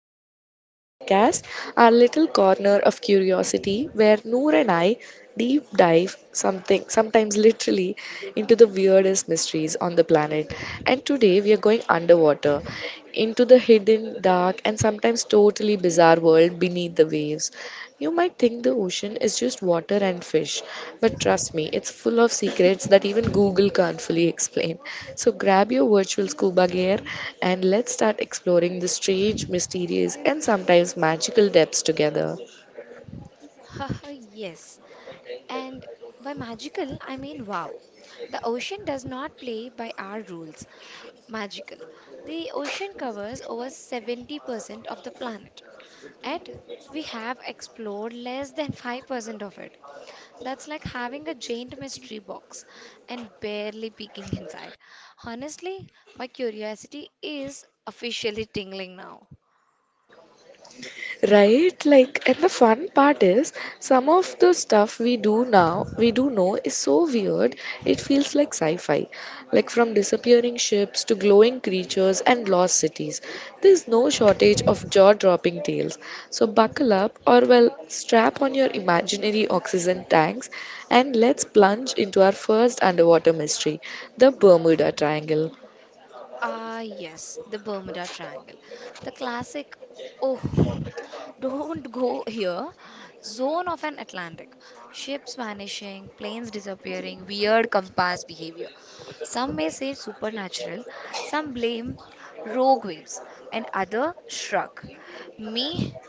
back to our podcast, our little corner of curiosity where Noor and I deep dive something, sometimes literally, into the weirdest mysteries on the planet. And today we are going underwater into the hidden, dark, and sometimes totally bizarre world beneath the waves. You might think the ocean is just water and fish, but trust me, it's full of secrets that even Google can't fully explain. So grab your virtual scuba gear and let's start exploring the strange, mysterious, and sometimes magical depths together. Haha, yes. And by magical, I mean wow. The ocean does not play by our rules. Magical. The ocean covers over 70% of the planet. Yet, we have explored less than 5% of it. That's like having a giant mystery box and barely peeking inside. Honestly, my curiosity is officially tingling now. Right? And the fun part is, some of the stuff we do now, we do know, is so weird, it feels like sci fi. Like, from disappearing ships to glowing creatures and lost cities, there's no shortage of jaw dropping tales. So, buckle up, or well, strap on your imaginary oxygen tanks, and let's plunge into our first underwater mystery, the Bermuda Triangle. Ah, yes, the Bermuda Triangle. The classic, oh, don't go here, zone of an Atlantic. Ships vanishing, planes disappearing, weird compass behavior. Some may say supernatural, some blame rogue waves, and other shrug. Me,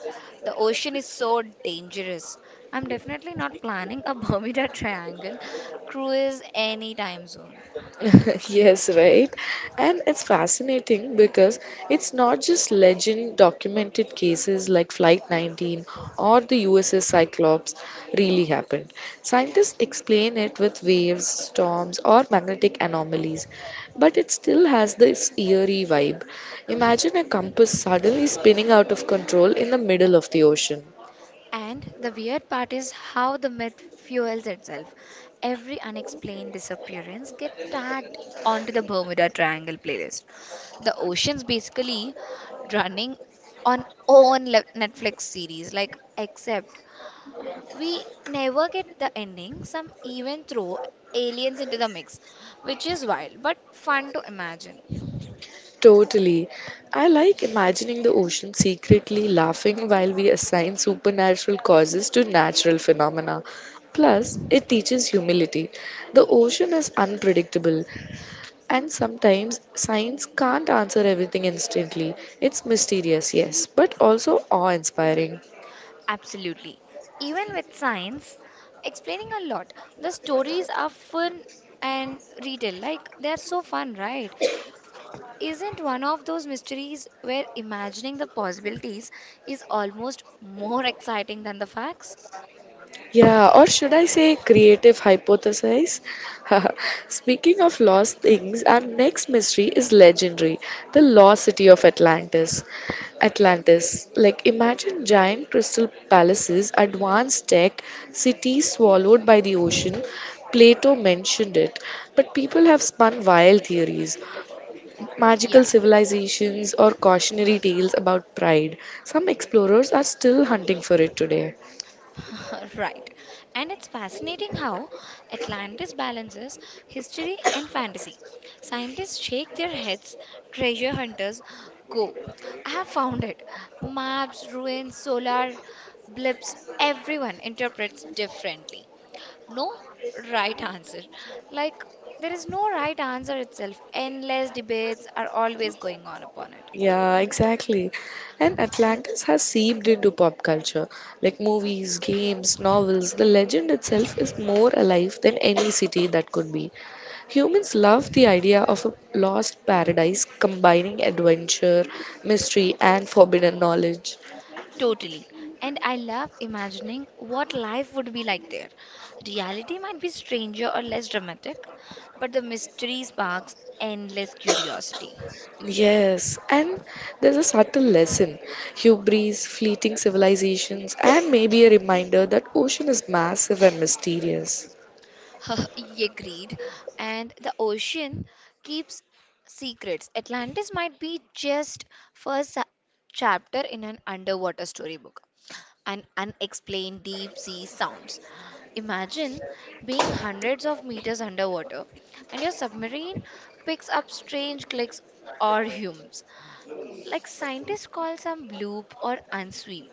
the ocean is so dangerous. I'm definitely not planning a Bermuda Triangle cruise anytime soon. Yes, right. And it's fascinating because it's not just legend, documented cases like Flight 19 or the USS Cyclops really happened. Scientists explain it with waves, storms, or magnetic anomalies, but it still has this eerie vibe. Imagine a compass suddenly spinning out of control in the middle of the ocean. And the weird part is how the myth fuels itself. Every unexplained disappearance gets tagged onto the Bermuda Triangle playlist. The ocean's basically running on Netflix series, like, except we never get the ending. Some even throw aliens into the mix, which is wild but fun to imagine. Totally. I like imagining the ocean secretly laughing while we assign supernatural causes to natural phenomena. Plus, it teaches humility. The ocean is unpredictable, and sometimes science can't answer everything instantly. It's mysterious, yes, but also awe inspiring. Absolutely. Even with science, explaining a lot. The stories are fun and retail. Like, they're so fun, right? Isn't one of those mysteries where imagining the possibilities is almost more exciting than the facts? Yeah, or should I say creative hypothesis? Speaking of lost things, our next mystery is legendary, the lost city of Atlantis. Atlantis, like imagine giant crystal palaces, advanced tech, cities swallowed by the ocean. Plato mentioned it, but people have spun wild theories, magical Yeah, civilizations or cautionary tales about pride. Some explorers are still hunting for it today. right. And it's fascinating how Atlantis balances history and fantasy. Scientists shake their heads, treasure hunters go. I have found it. Maps, ruins, solar blips, everyone interprets differently. No right answer. Like, there is no right answer itself. Endless debates are always going on upon it. Yeah, exactly. And Atlantis has seeped into pop culture, like movies, games, novels. The legend itself is more alive than any city that could be. Humans love the idea of a lost paradise combining adventure, mystery, and forbidden knowledge. Totally. And I love imagining what life would be like there. Reality might be stranger or less dramatic, but the mystery sparks endless curiosity. Yes, and there's a subtle lesson, hubris, fleeting civilizations, and maybe a reminder that ocean is massive and mysterious. He agreed. And the ocean keeps secrets. Atlantis might be just first sa- chapter in an underwater storybook. And unexplained deep sea sounds. Imagine being hundreds of meters underwater and your submarine picks up strange clicks or hums. Like scientists call some bloop or unsweep.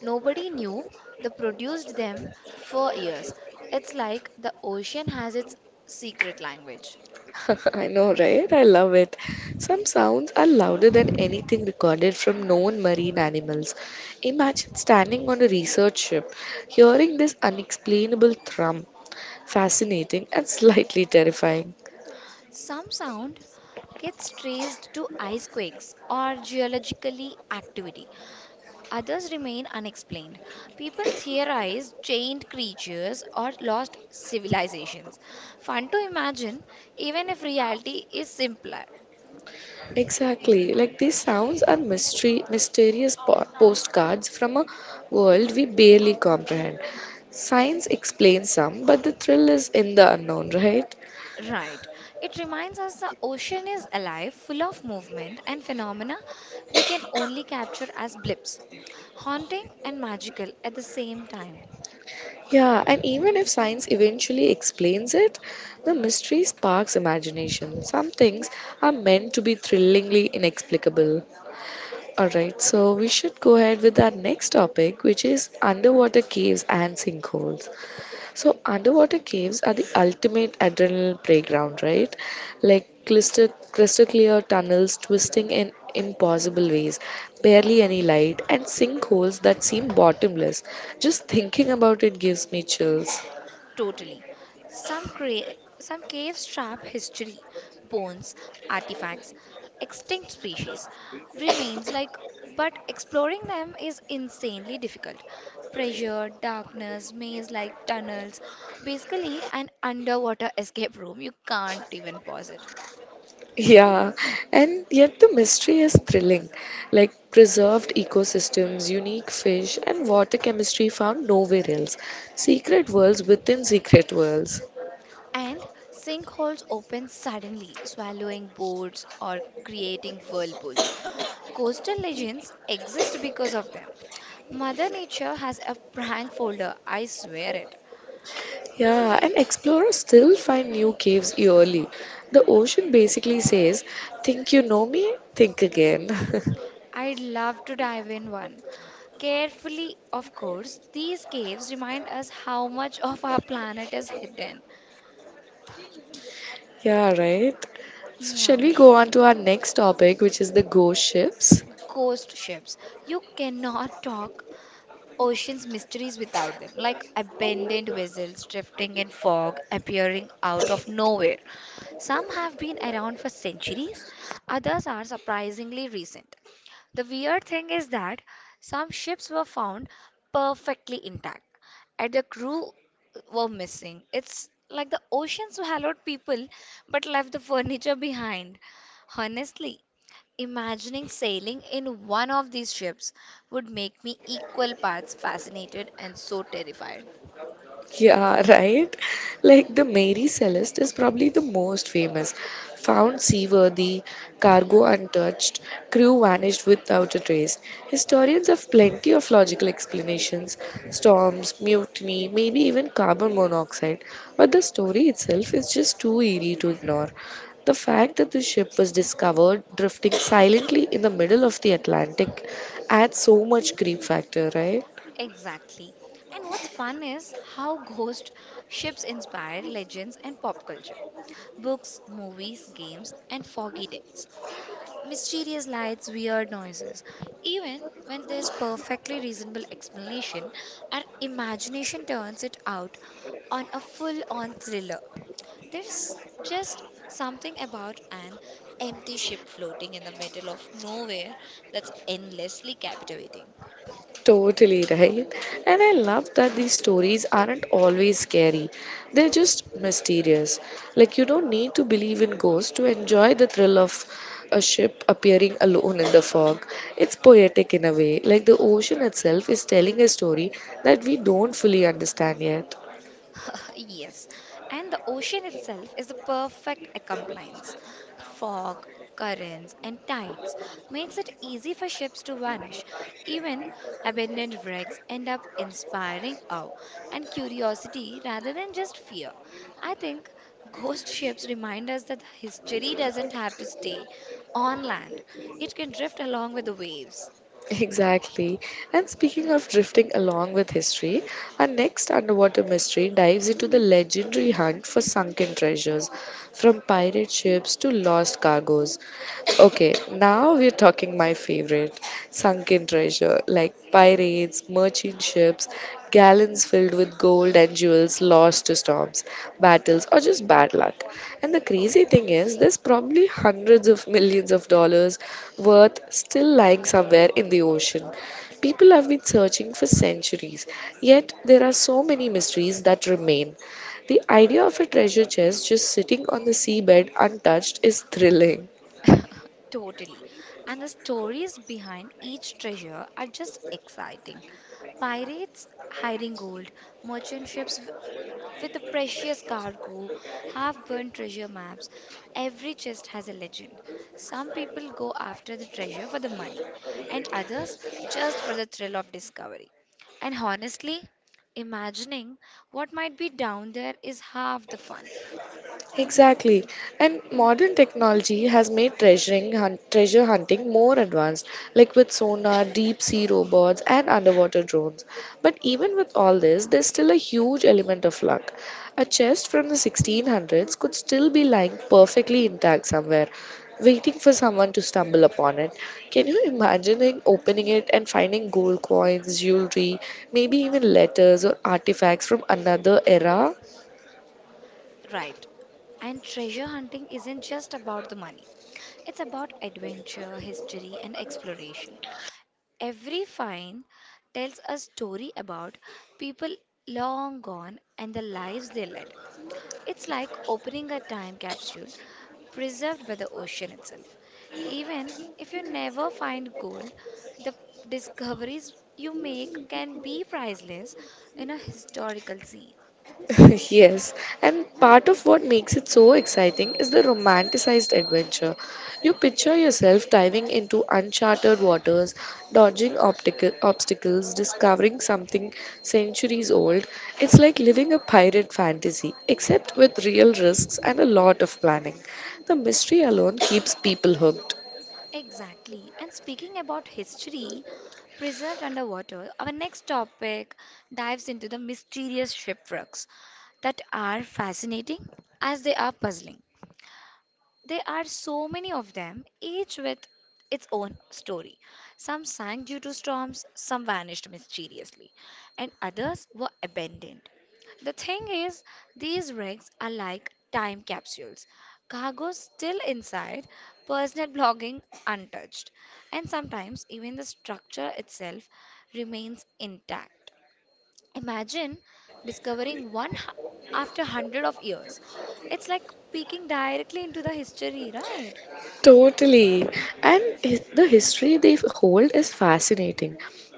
Nobody knew they produced them for years. It's like the ocean has its secret language. I know, right? I love it. Some sounds are louder than anything recorded from known marine animals. Imagine standing on a research ship, hearing this unexplainable thrum. Fascinating and slightly terrifying. Some sound gets traced to ice quakes or geologically activity. Others remain unexplained. People theorize giant creatures or lost civilizations. Fun to imagine, even if reality is simpler. Exactly. Like these sounds are mysterious postcards from a world we barely comprehend. Science explains some, but the thrill is in the unknown, right? Right. It reminds us the ocean is alive, full of movement and phenomena we can only capture as blips, haunting and magical at the same time. Yeah, and even if science eventually explains it, the mystery sparks imagination. Some things are meant to be thrillingly inexplicable. Alright, so we should go ahead with our next topic, which is underwater caves and sinkholes. So, underwater caves are the ultimate adrenaline playground, right? Like crystal clear tunnels twisting in impossible ways, barely any light, and sinkholes that seem bottomless. Just thinking about it gives me chills. Totally. Some, cra- some caves trap history, bones, artifacts, extinct species, remains, like, but exploring them is insanely difficult. Pressure, darkness, maze like tunnels, basically, an underwater escape room. You can't even pause it. Yeah, and yet the mystery is thrilling. Like preserved ecosystems, unique fish, and water chemistry found nowhere else. Secret worlds within secret worlds. And sinkholes open suddenly, swallowing boats or creating whirlpools. Coastal legends exist because of them. Mother Nature has a prank folder, I swear it. Yeah, and explorers still find new caves yearly. The ocean basically says, "Think you know me? Think again." I'd love to dive in one. Carefully, of course, these caves remind us how much of our planet is hidden. Yeah, right? So, shall Yeah. we go on to our next topic, which is the ghost ships? Ghost ships. You cannot talk Ocean's mysteries without them, like abandoned vessels drifting in fog, appearing out of nowhere. Some have been around for centuries, others are surprisingly recent. The weird thing is that some ships were found perfectly intact, and the crew were missing. It's like the oceans swallowed people but left the furniture behind. Honestly, imagining sailing in one of these ships would make me equal parts fascinated and so terrified. Yeah, right. Like the Mary Celeste is probably the most famous. Found seaworthy, cargo untouched, crew vanished without a trace. Historians have plenty of logical explanations, storms, mutiny, maybe even carbon monoxide. But the story itself is just too eerie to ignore. The fact that the ship was discovered drifting silently in the middle of the Atlantic adds so much creep factor, right? Exactly. And what's fun is how ghost ships inspire legends and pop culture. Books, movies, games, and foggy decks. Mysterious lights, weird noises. Even when there's perfectly reasonable explanation, our imagination turns it out on a full on thriller. There's just something about an empty ship floating in the middle of nowhere that's endlessly captivating. Totally right. And I love that these stories aren't always scary. They're just mysterious. Like you don't need to believe in ghosts to enjoy the thrill of a ship appearing alone in the fog. It's poetic in a way. Like the ocean itself is telling a story that we don't fully understand yet. Yes, and the ocean itself is the perfect accompliance. Fog, currents, and tides makes it easy for ships to vanish. Even abandoned wrecks end up inspiring awe and curiosity rather than just fear. I think ghost ships remind us that history doesn't have to stay on land; it can drift along with the waves. Exactly. And speaking of drifting along with history, our next underwater mystery dives into the legendary hunt for sunken treasures, from pirate ships to lost cargoes. Okay, now we're talking my favorite, sunken treasure, like pirates, merchant ships, gallons filled with gold and jewels lost to storms, battles, or just bad luck. And the crazy thing is, there's probably hundreds of millions of dollars worth still lying somewhere in the ocean. People have been searching for centuries, yet there are so many mysteries that remain. The idea of a treasure chest just sitting on the seabed untouched is thrilling. Totally. And the stories behind each treasure are just exciting. Pirates hiding gold, merchant ships w- with the precious cargo, half burnt treasure maps. Every chest has a legend. Some people go after the treasure for the money, and others just for the thrill of discovery. And honestly, imagining what might be down there is half the fun, Exactly. And modern technology has made treasure hunting more advanced, like with sonar, deep sea robots, and underwater drones. But even with all this, there's still a huge element of luck. A chest from the 1600s could still be lying perfectly intact somewhere, waiting for someone to stumble upon it. Can you imagine opening it and finding gold coins, jewelry, maybe even letters or artifacts from another era? right? And treasure hunting isn't just about the money. It's about adventure, history, and exploration. Every find tells a story about people long gone and the lives they led. It's like opening a time capsule preserved by the ocean itself. Even if you never find gold, the discoveries you make can be priceless in a historical scene. Yes, and part of what makes it so exciting is the romanticized adventure. You picture yourself diving into uncharted waters, dodging optical obstacles, discovering something centuries old. It's like living a pirate fantasy, except with real risks and a lot of planning. The mystery alone keeps people hooked. Exactly. And speaking about history preserved underwater, our next topic dives into the mysterious shipwrecks that are fascinating as they are puzzling. There are so many of them, each with its own story. Some sank due to storms, some vanished mysteriously, and others were abandoned. The thing is, these rigs are like time capsules. Cargo still inside, personal blogging untouched, and sometimes even the structure itself remains intact. Imagine discovering after hundred of years. It's like peeking directly into the history, right? Totally. And the history they hold is fascinating.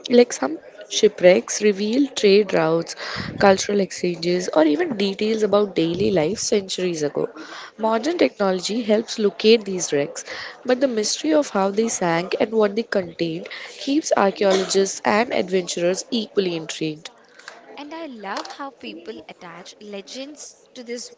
Like some shipwrecks reveal trade routes, cultural exchanges, or even details about daily life centuries ago. Modern technology helps locate these wrecks, but the mystery of how they sank and what they contained keeps archaeologists and adventurers equally intrigued. And I love how people attach legends to these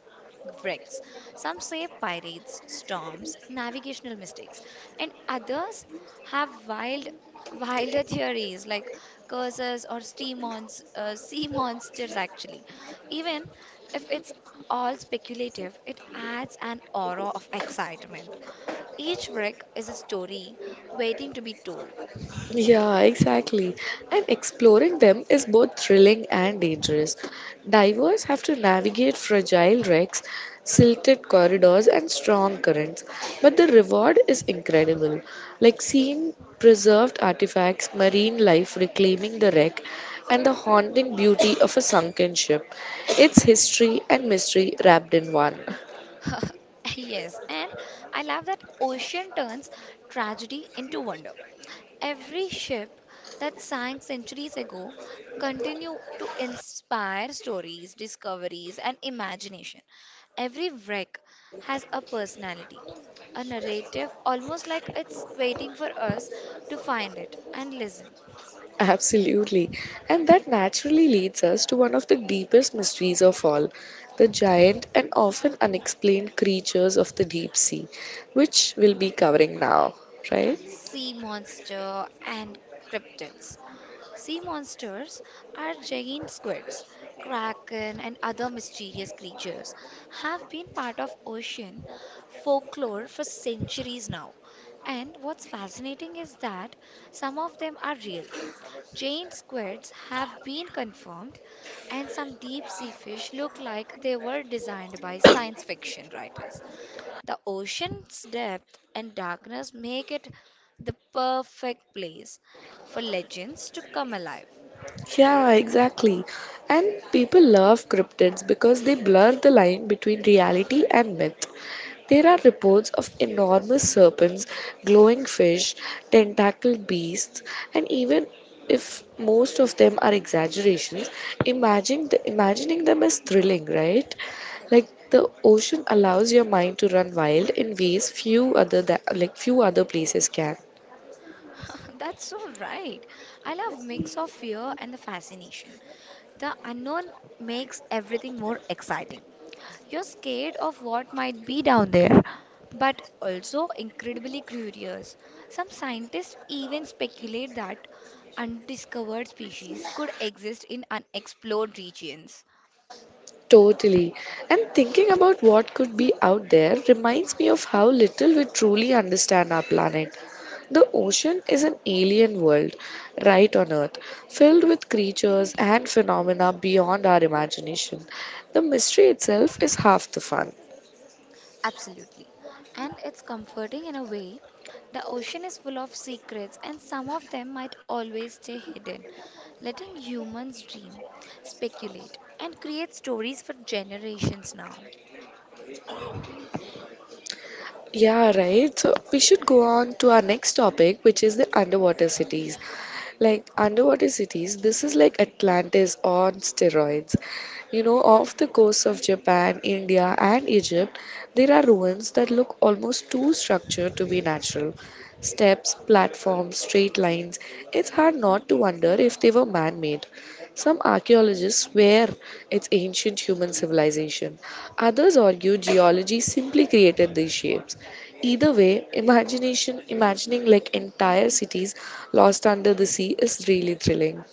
wrecks. Some say pirates, storms, navigational mistakes, and others have wild, wilder theories like curses or sea monsters, actually. Even if it's all speculative, it adds an aura of excitement. Each wreck is a story waiting to be told. Yeah, exactly. And exploring them is both thrilling and dangerous. Divers have to navigate fragile wrecks, silted corridors, and strong currents. But the reward is incredible. Like seeing preserved artifacts, marine life reclaiming the wreck, and the haunting beauty of a sunken ship. It's history and mystery wrapped in one. Yes, and I love that ocean turns tragedy into wonder. Every ship that sank centuries ago continue to inspire stories, discoveries, and imagination. Every wreck has a personality, a narrative, almost like it's waiting for us to find it and listen. Absolutely. And that naturally leads us to one of the deepest mysteries of all, the giant and often unexplained creatures of the deep sea, which we'll be covering now, right? Sea monster and cryptids. Sea monsters are giant squids, kraken, and other mysterious creatures have been part of ocean folklore for centuries now. And what's fascinating is that some of them are real. Giant squids have been confirmed, and some deep sea fish look like they were designed by science fiction writers. The ocean's depth and darkness make it the perfect place for legends to come alive. Yeah, exactly. And people love cryptids because they blur the line between reality and myth. There are reports of enormous serpents, glowing fish, tentacled beasts, and even if most of them are exaggerations, imagining them is thrilling, right? Like the ocean allows your mind to run wild in ways like few other places can. That's so right. I love mix of fear and the fascination. The unknown makes everything more exciting. You're scared of what might be down there, but also incredibly curious. Some scientists even speculate that undiscovered species could exist in unexplored regions. Totally. And thinking about what could be out there reminds me of how little we truly understand our planet. The ocean is an alien world right on Earth, filled with creatures and phenomena beyond our imagination. The mystery itself is half the fun. Absolutely. And it's comforting in a way. The ocean is full of secrets, and some of them might always stay hidden, letting humans dream, speculate, and create stories for generations now. Yeah, right. So we should go on to our next topic, which is the underwater cities. Like underwater cities, this is like Atlantis on steroids. You know, off the coasts of Japan, India, and Egypt, there are ruins that look almost too structured to be natural. Steps, platforms, straight lines. It's hard not to wonder if they were man made. Some archaeologists swear it's ancient human civilization. Others argue geology simply created these shapes. Either way, imagination imagining like entire cities lost under the sea is really thrilling.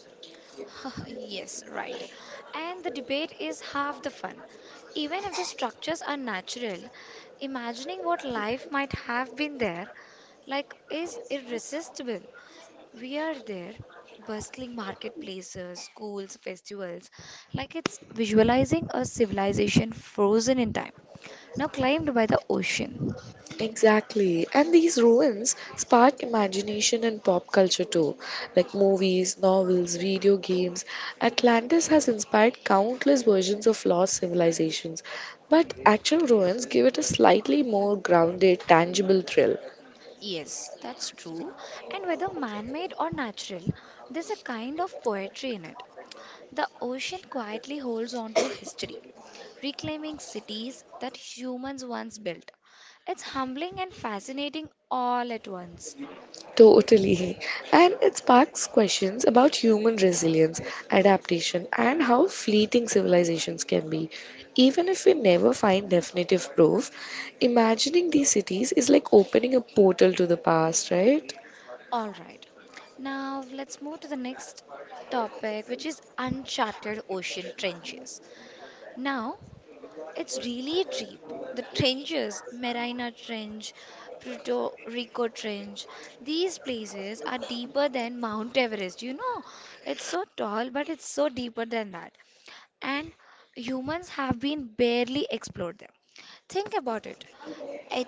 Yes, right. And the debate is half the fun. Even if the structures are natural, imagining what life might have been there like is irresistible. We are there, bustling marketplaces, schools, festivals, like it's visualizing a civilization frozen in time, now claimed by the ocean. Exactly. And these ruins spark imagination and pop culture too, like movies, novels, video games. Atlantis has inspired countless versions of lost civilizations, but actual ruins give it a slightly more grounded, tangible thrill. Yes, that's true. And whether man made or natural, there's a kind of poetry in it. The ocean quietly holds on to history, reclaiming cities that humans once built. It's humbling and fascinating all at once. Totally. And it sparks questions about human resilience, adaptation, and how fleeting civilizations can be. Even if we never find definitive proof, imagining these cities is like opening a portal to the past, right? All right, now let's move to the next topic, which is uncharted ocean trenches. Now, it's really deep. The trenches, Marina Trench, Puerto Rico Trench, these places are deeper than Mount Everest. You know, it's so tall, but it's so deeper than that. And humans have been barely explored them. Think about it. E-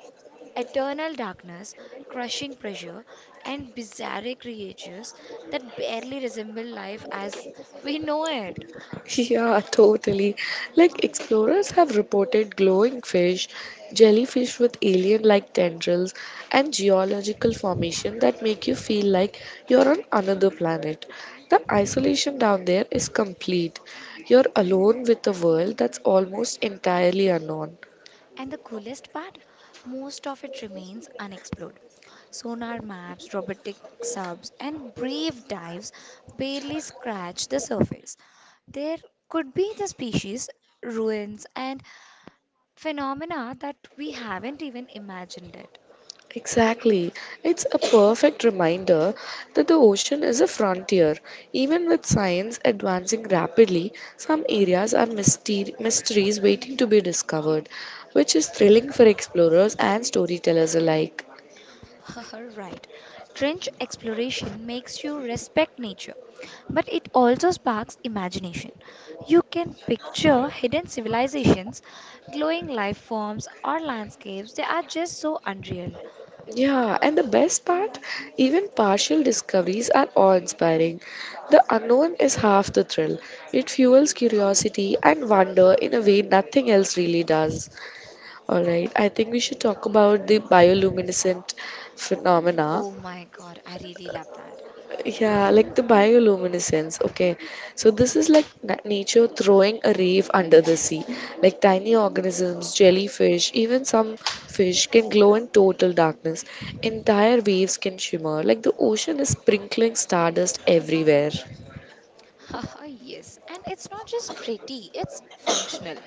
Eternal darkness, crushing pressure, and bizarre creatures that barely resemble life as we know it. Yeah, totally. Like explorers have reported glowing fish, jellyfish with alien-like tendrils, and geological formation that make you feel like you're on another planet. The isolation down there is complete. You're alone with a world that's almost entirely unknown. And the coolest part, most of it remains unexplored. Sonar maps, robotic subs, and brave dives barely scratch the surface. There could be the species, ruins, and phenomena that we haven't even imagined yet. Exactly. It's a perfect reminder that the ocean is a frontier. Even with science advancing rapidly, some areas are mysteries waiting to be discovered, which is thrilling for explorers and storytellers alike. Right. Trench exploration makes you respect nature, but it also sparks imagination. You can picture hidden civilizations, glowing life forms, or landscapes. They are just so unreal. Yeah, and the best part, even partial discoveries are awe inspiring. The unknown is half the thrill. It fuels curiosity and wonder in a way nothing else really does. All right, I think we should talk about the bioluminescent phenomena. Oh my god, I really love that. Yeah, like the bioluminescence. Okay, so this is like nature throwing a reef under the sea. Like tiny organisms, jellyfish, even some fish can glow in total darkness. Entire waves can shimmer. Like the ocean is sprinkling stardust everywhere. Haha, yes. And it's not just pretty, it's functional.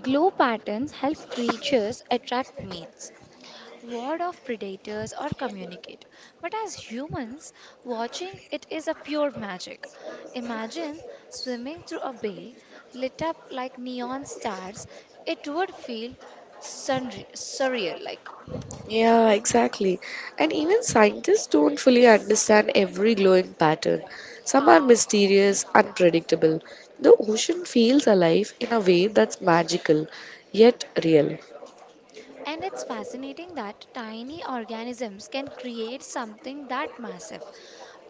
Glow patterns help creatures attract mates, ward of predators or communicate. But as humans, watching it is a pure magic. Imagine swimming through a bay lit up like neon stars. It would feel surreal like. Yeah, exactly. And even scientists don't fully understand every glowing pattern. Some are mysterious, unpredictable. The ocean feels alive in a way that's magical, yet real. And it's fascinating that tiny organisms can create something that massive.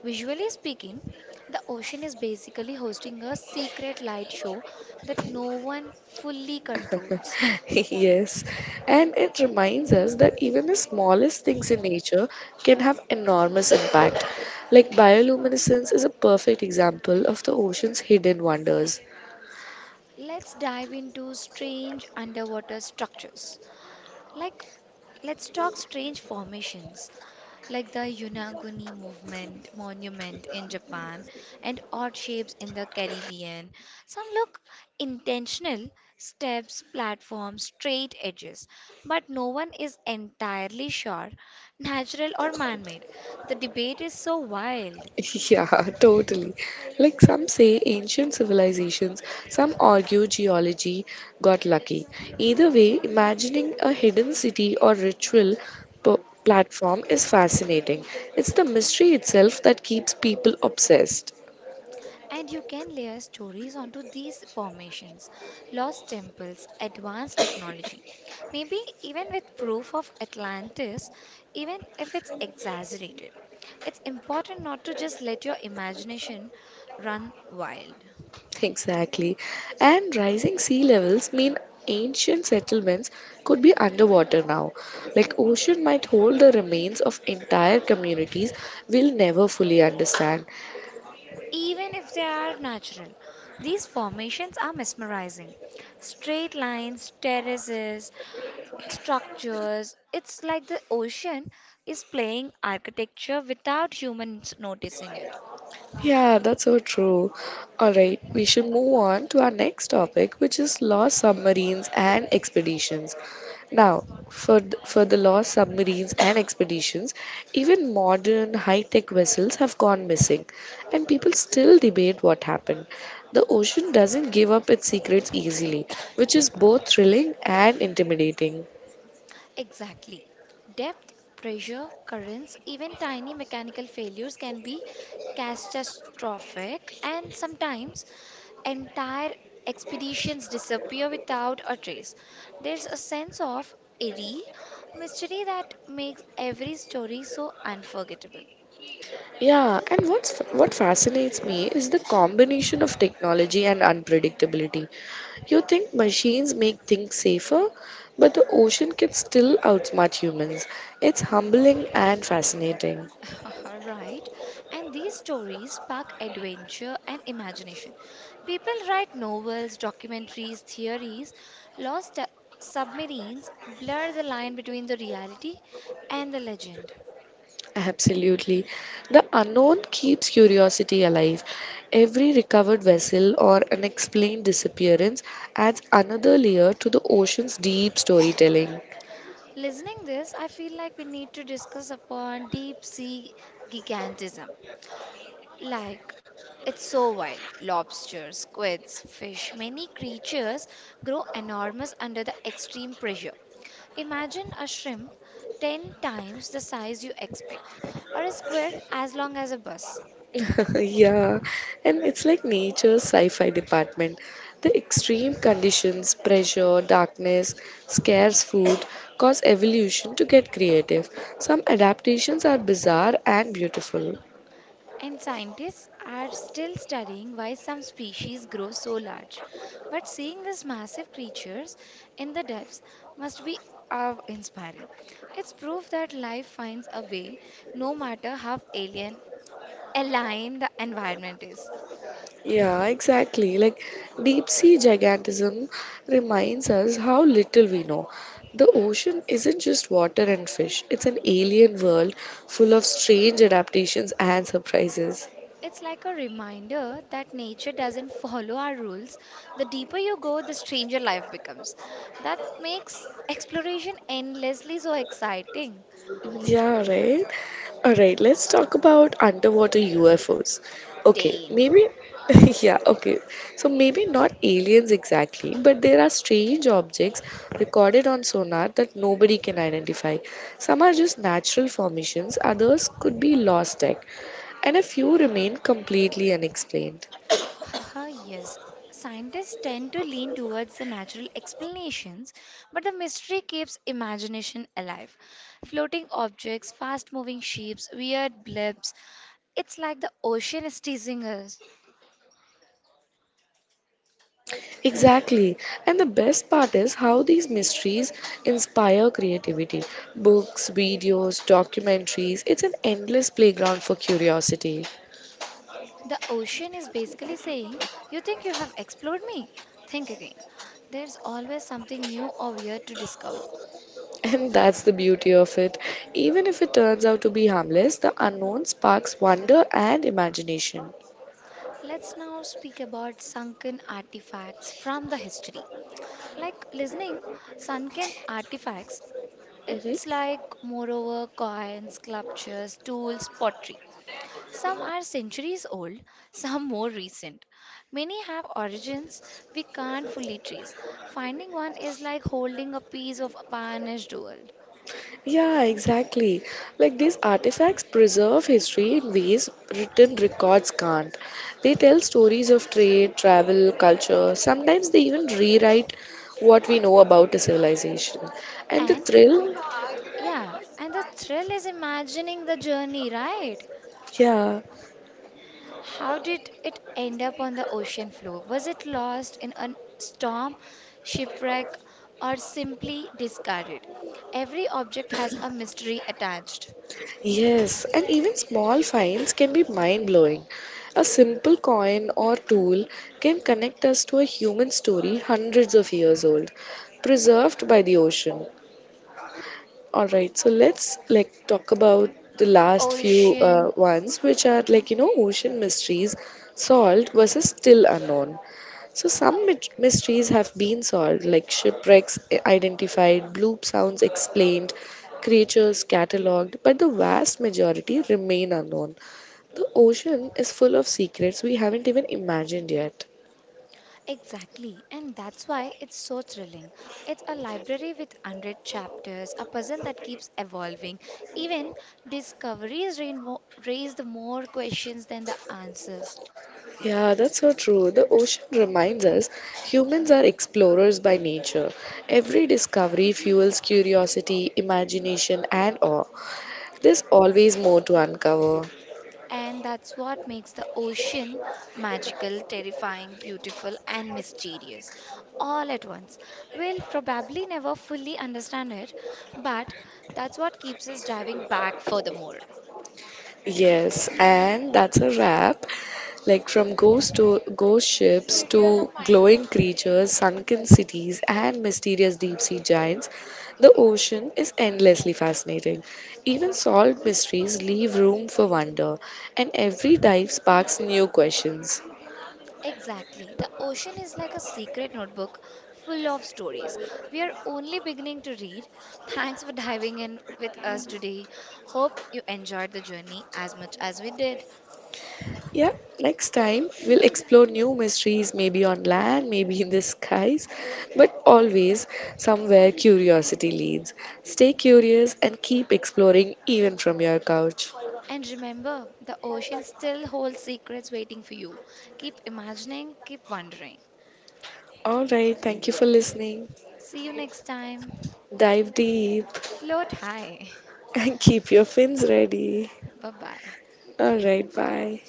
Visually speaking, the ocean is basically hosting a secret light show that no one fully controls. Yes, and it reminds us that even the smallest things in nature can have enormous impact. Like bioluminescence is a perfect example of the ocean's hidden wonders. Let's dive into strange underwater structures. Like, let's talk strange formations, like the Yunaguni movement monument in Japan and odd shapes in the Caribbean. Some look intentional steps, platforms, straight edges, but no one is entirely sure natural or man made. The debate is so wild. Yeah, totally. Like some say ancient civilizations, some argue geology got lucky. Either way, imagining a hidden city or ritual p- platform is fascinating. It's the mystery itself that keeps people obsessed. And you can layer stories onto these formations, lost temples, advanced technology, maybe even with proof of Atlantis, even if it's exaggerated. It's important not to just let your imagination run wild. Exactly. And rising sea levels mean ancient settlements could be underwater now. Like ocean might hold the remains of entire communities we'll never fully understand. Even if they are natural, these formations are mesmerizing. Straight lines, terraces, structures. It's like the ocean is playing architecture without humans noticing it. Yeah, that's so true. All right, we should move on to our next topic, which is lost submarines and expeditions. Now, for the lost submarines and expeditions, even modern high-tech vessels have gone missing, and people still debate what happened. The ocean doesn't give up its secrets easily, which is both thrilling and intimidating. Exactly. Depth, pressure, currents, even tiny mechanical failures can be catastrophic, and sometimes entire expeditions disappear without a trace. There's a sense of eerie mystery that makes every story so unforgettable. Yeah, and what fascinates me is the combination of technology and unpredictability. You think machines make things safer, but the ocean can still outsmart humans. It's humbling and fascinating. Right. And these stories spark adventure and imagination. People write novels, documentaries, theories, lost submarines blur the line between the reality and the legend. Absolutely. The unknown keeps curiosity alive. Every recovered vessel or unexplained disappearance adds another layer to the ocean's deep storytelling. Listening this, I feel like we need to discuss upon deep sea gigantism. Like, it's so wild. Lobsters, squids, fish, many creatures grow enormous under the extreme pressure. Imagine a shrimp 10 times the size you expect, or a squid as long as a bus. yeah, and it's like nature's sci fi department. The extreme conditions, pressure, darkness, scarce food cause evolution to get creative. Some adaptations are bizarre and beautiful. And scientists are still studying why some species grow so large. But seeing these massive creatures in the depths must be awe inspiring. It's proof that life finds a way, no matter how alien the environment is. Yeah, exactly. Like deep sea gigantism reminds us how little we know. The ocean isn't just water and fish, it's an alien world full of strange adaptations and surprises. It's like a reminder that nature doesn't follow our rules. The deeper you go, the stranger life becomes. That makes exploration endlessly so exciting. Yeah, right. All right, let's talk about underwater UFOs. Okay, Damn. maybe, yeah, okay. So maybe not aliens exactly, but there are strange objects recorded on sonar that nobody can identify. Some are just natural formations, others could be lost tech, and a few remain completely unexplained. Haha, yes. Scientists tend to lean towards the natural explanations, but the mystery keeps imagination alive. Floating objects, fast moving shapes, weird blips. It's like the ocean is teasing us. Exactly. And the best part is how these mysteries inspire creativity. Books, videos, documentaries, it's an endless playground for curiosity. The ocean is basically saying, you think you have explored me? Think again. There's always something new or weird to discover. And that's the beauty of it. Even if it turns out to be harmless, the unknown sparks wonder and imagination. Let's now speak about sunken artifacts from the history. Like listening, sunken artifacts, Mhm. it's like moreover coins, sculptures, tools, pottery. Some are centuries old, some more recent. Many have origins we can't fully trace. Finding one is like holding a piece of vanished world. Yeah, exactly. Like these artifacts preserve history in ways written records can't. They tell stories of trade, travel, culture. Sometimes they even rewrite what we know about a civilization. And the And thrill, yeah, and the thrill is imagining the journey, right? yeah, How did it end up on the ocean floor? Was it lost in a storm, shipwreck, or simply discarded? Every object has a mystery attached. yes, and even small finds can be mind blowing. A simple coin or tool can connect us to a human story hundreds of years old, preserved by the ocean. All right, so let's like talk about the last few Ocean. ones, which are like you know ocean mysteries solved versus still unknown. So some mysteries have been solved, like shipwrecks identified, bloop sounds explained, creatures catalogued, but the vast majority remain unknown. The ocean is full of secrets we haven't even imagined yet. Exactly, and that's why it's so thrilling. It's a library with 100 chapters, a puzzle that keeps evolving. Even discoveries raise the more questions than the answers. Yeah, that's so true. The ocean reminds us humans are explorers by nature. Every discovery fuels curiosity, imagination, and awe. There's always more to uncover. And that's what makes the ocean magical, terrifying, beautiful, and mysterious all at once. We'll probably never fully understand it, but that's what keeps us diving back for the more. Yes, and that's a wrap. Like from ghost to ghost ships to glowing creatures, sunken cities, and mysterious deep sea giants, the ocean is endlessly fascinating. Even solved mysteries leave room for wonder, and every dive sparks new questions. Exactly. The ocean is like a secret notebook full of stories. We are only beginning to read. Thanks for diving in with us today. Hope you enjoyed the journey as much as we did. Yeah, next time we'll explore new mysteries, maybe on land, maybe in the skies, but always somewhere curiosity leads. Stay curious and keep exploring even from your couch. And remember, the ocean still holds secrets waiting for you. Keep imagining, keep wondering. All right, thank you for listening. See you next time. Dive deep Float high. and keep your fins ready. Bye bye. All right, bye.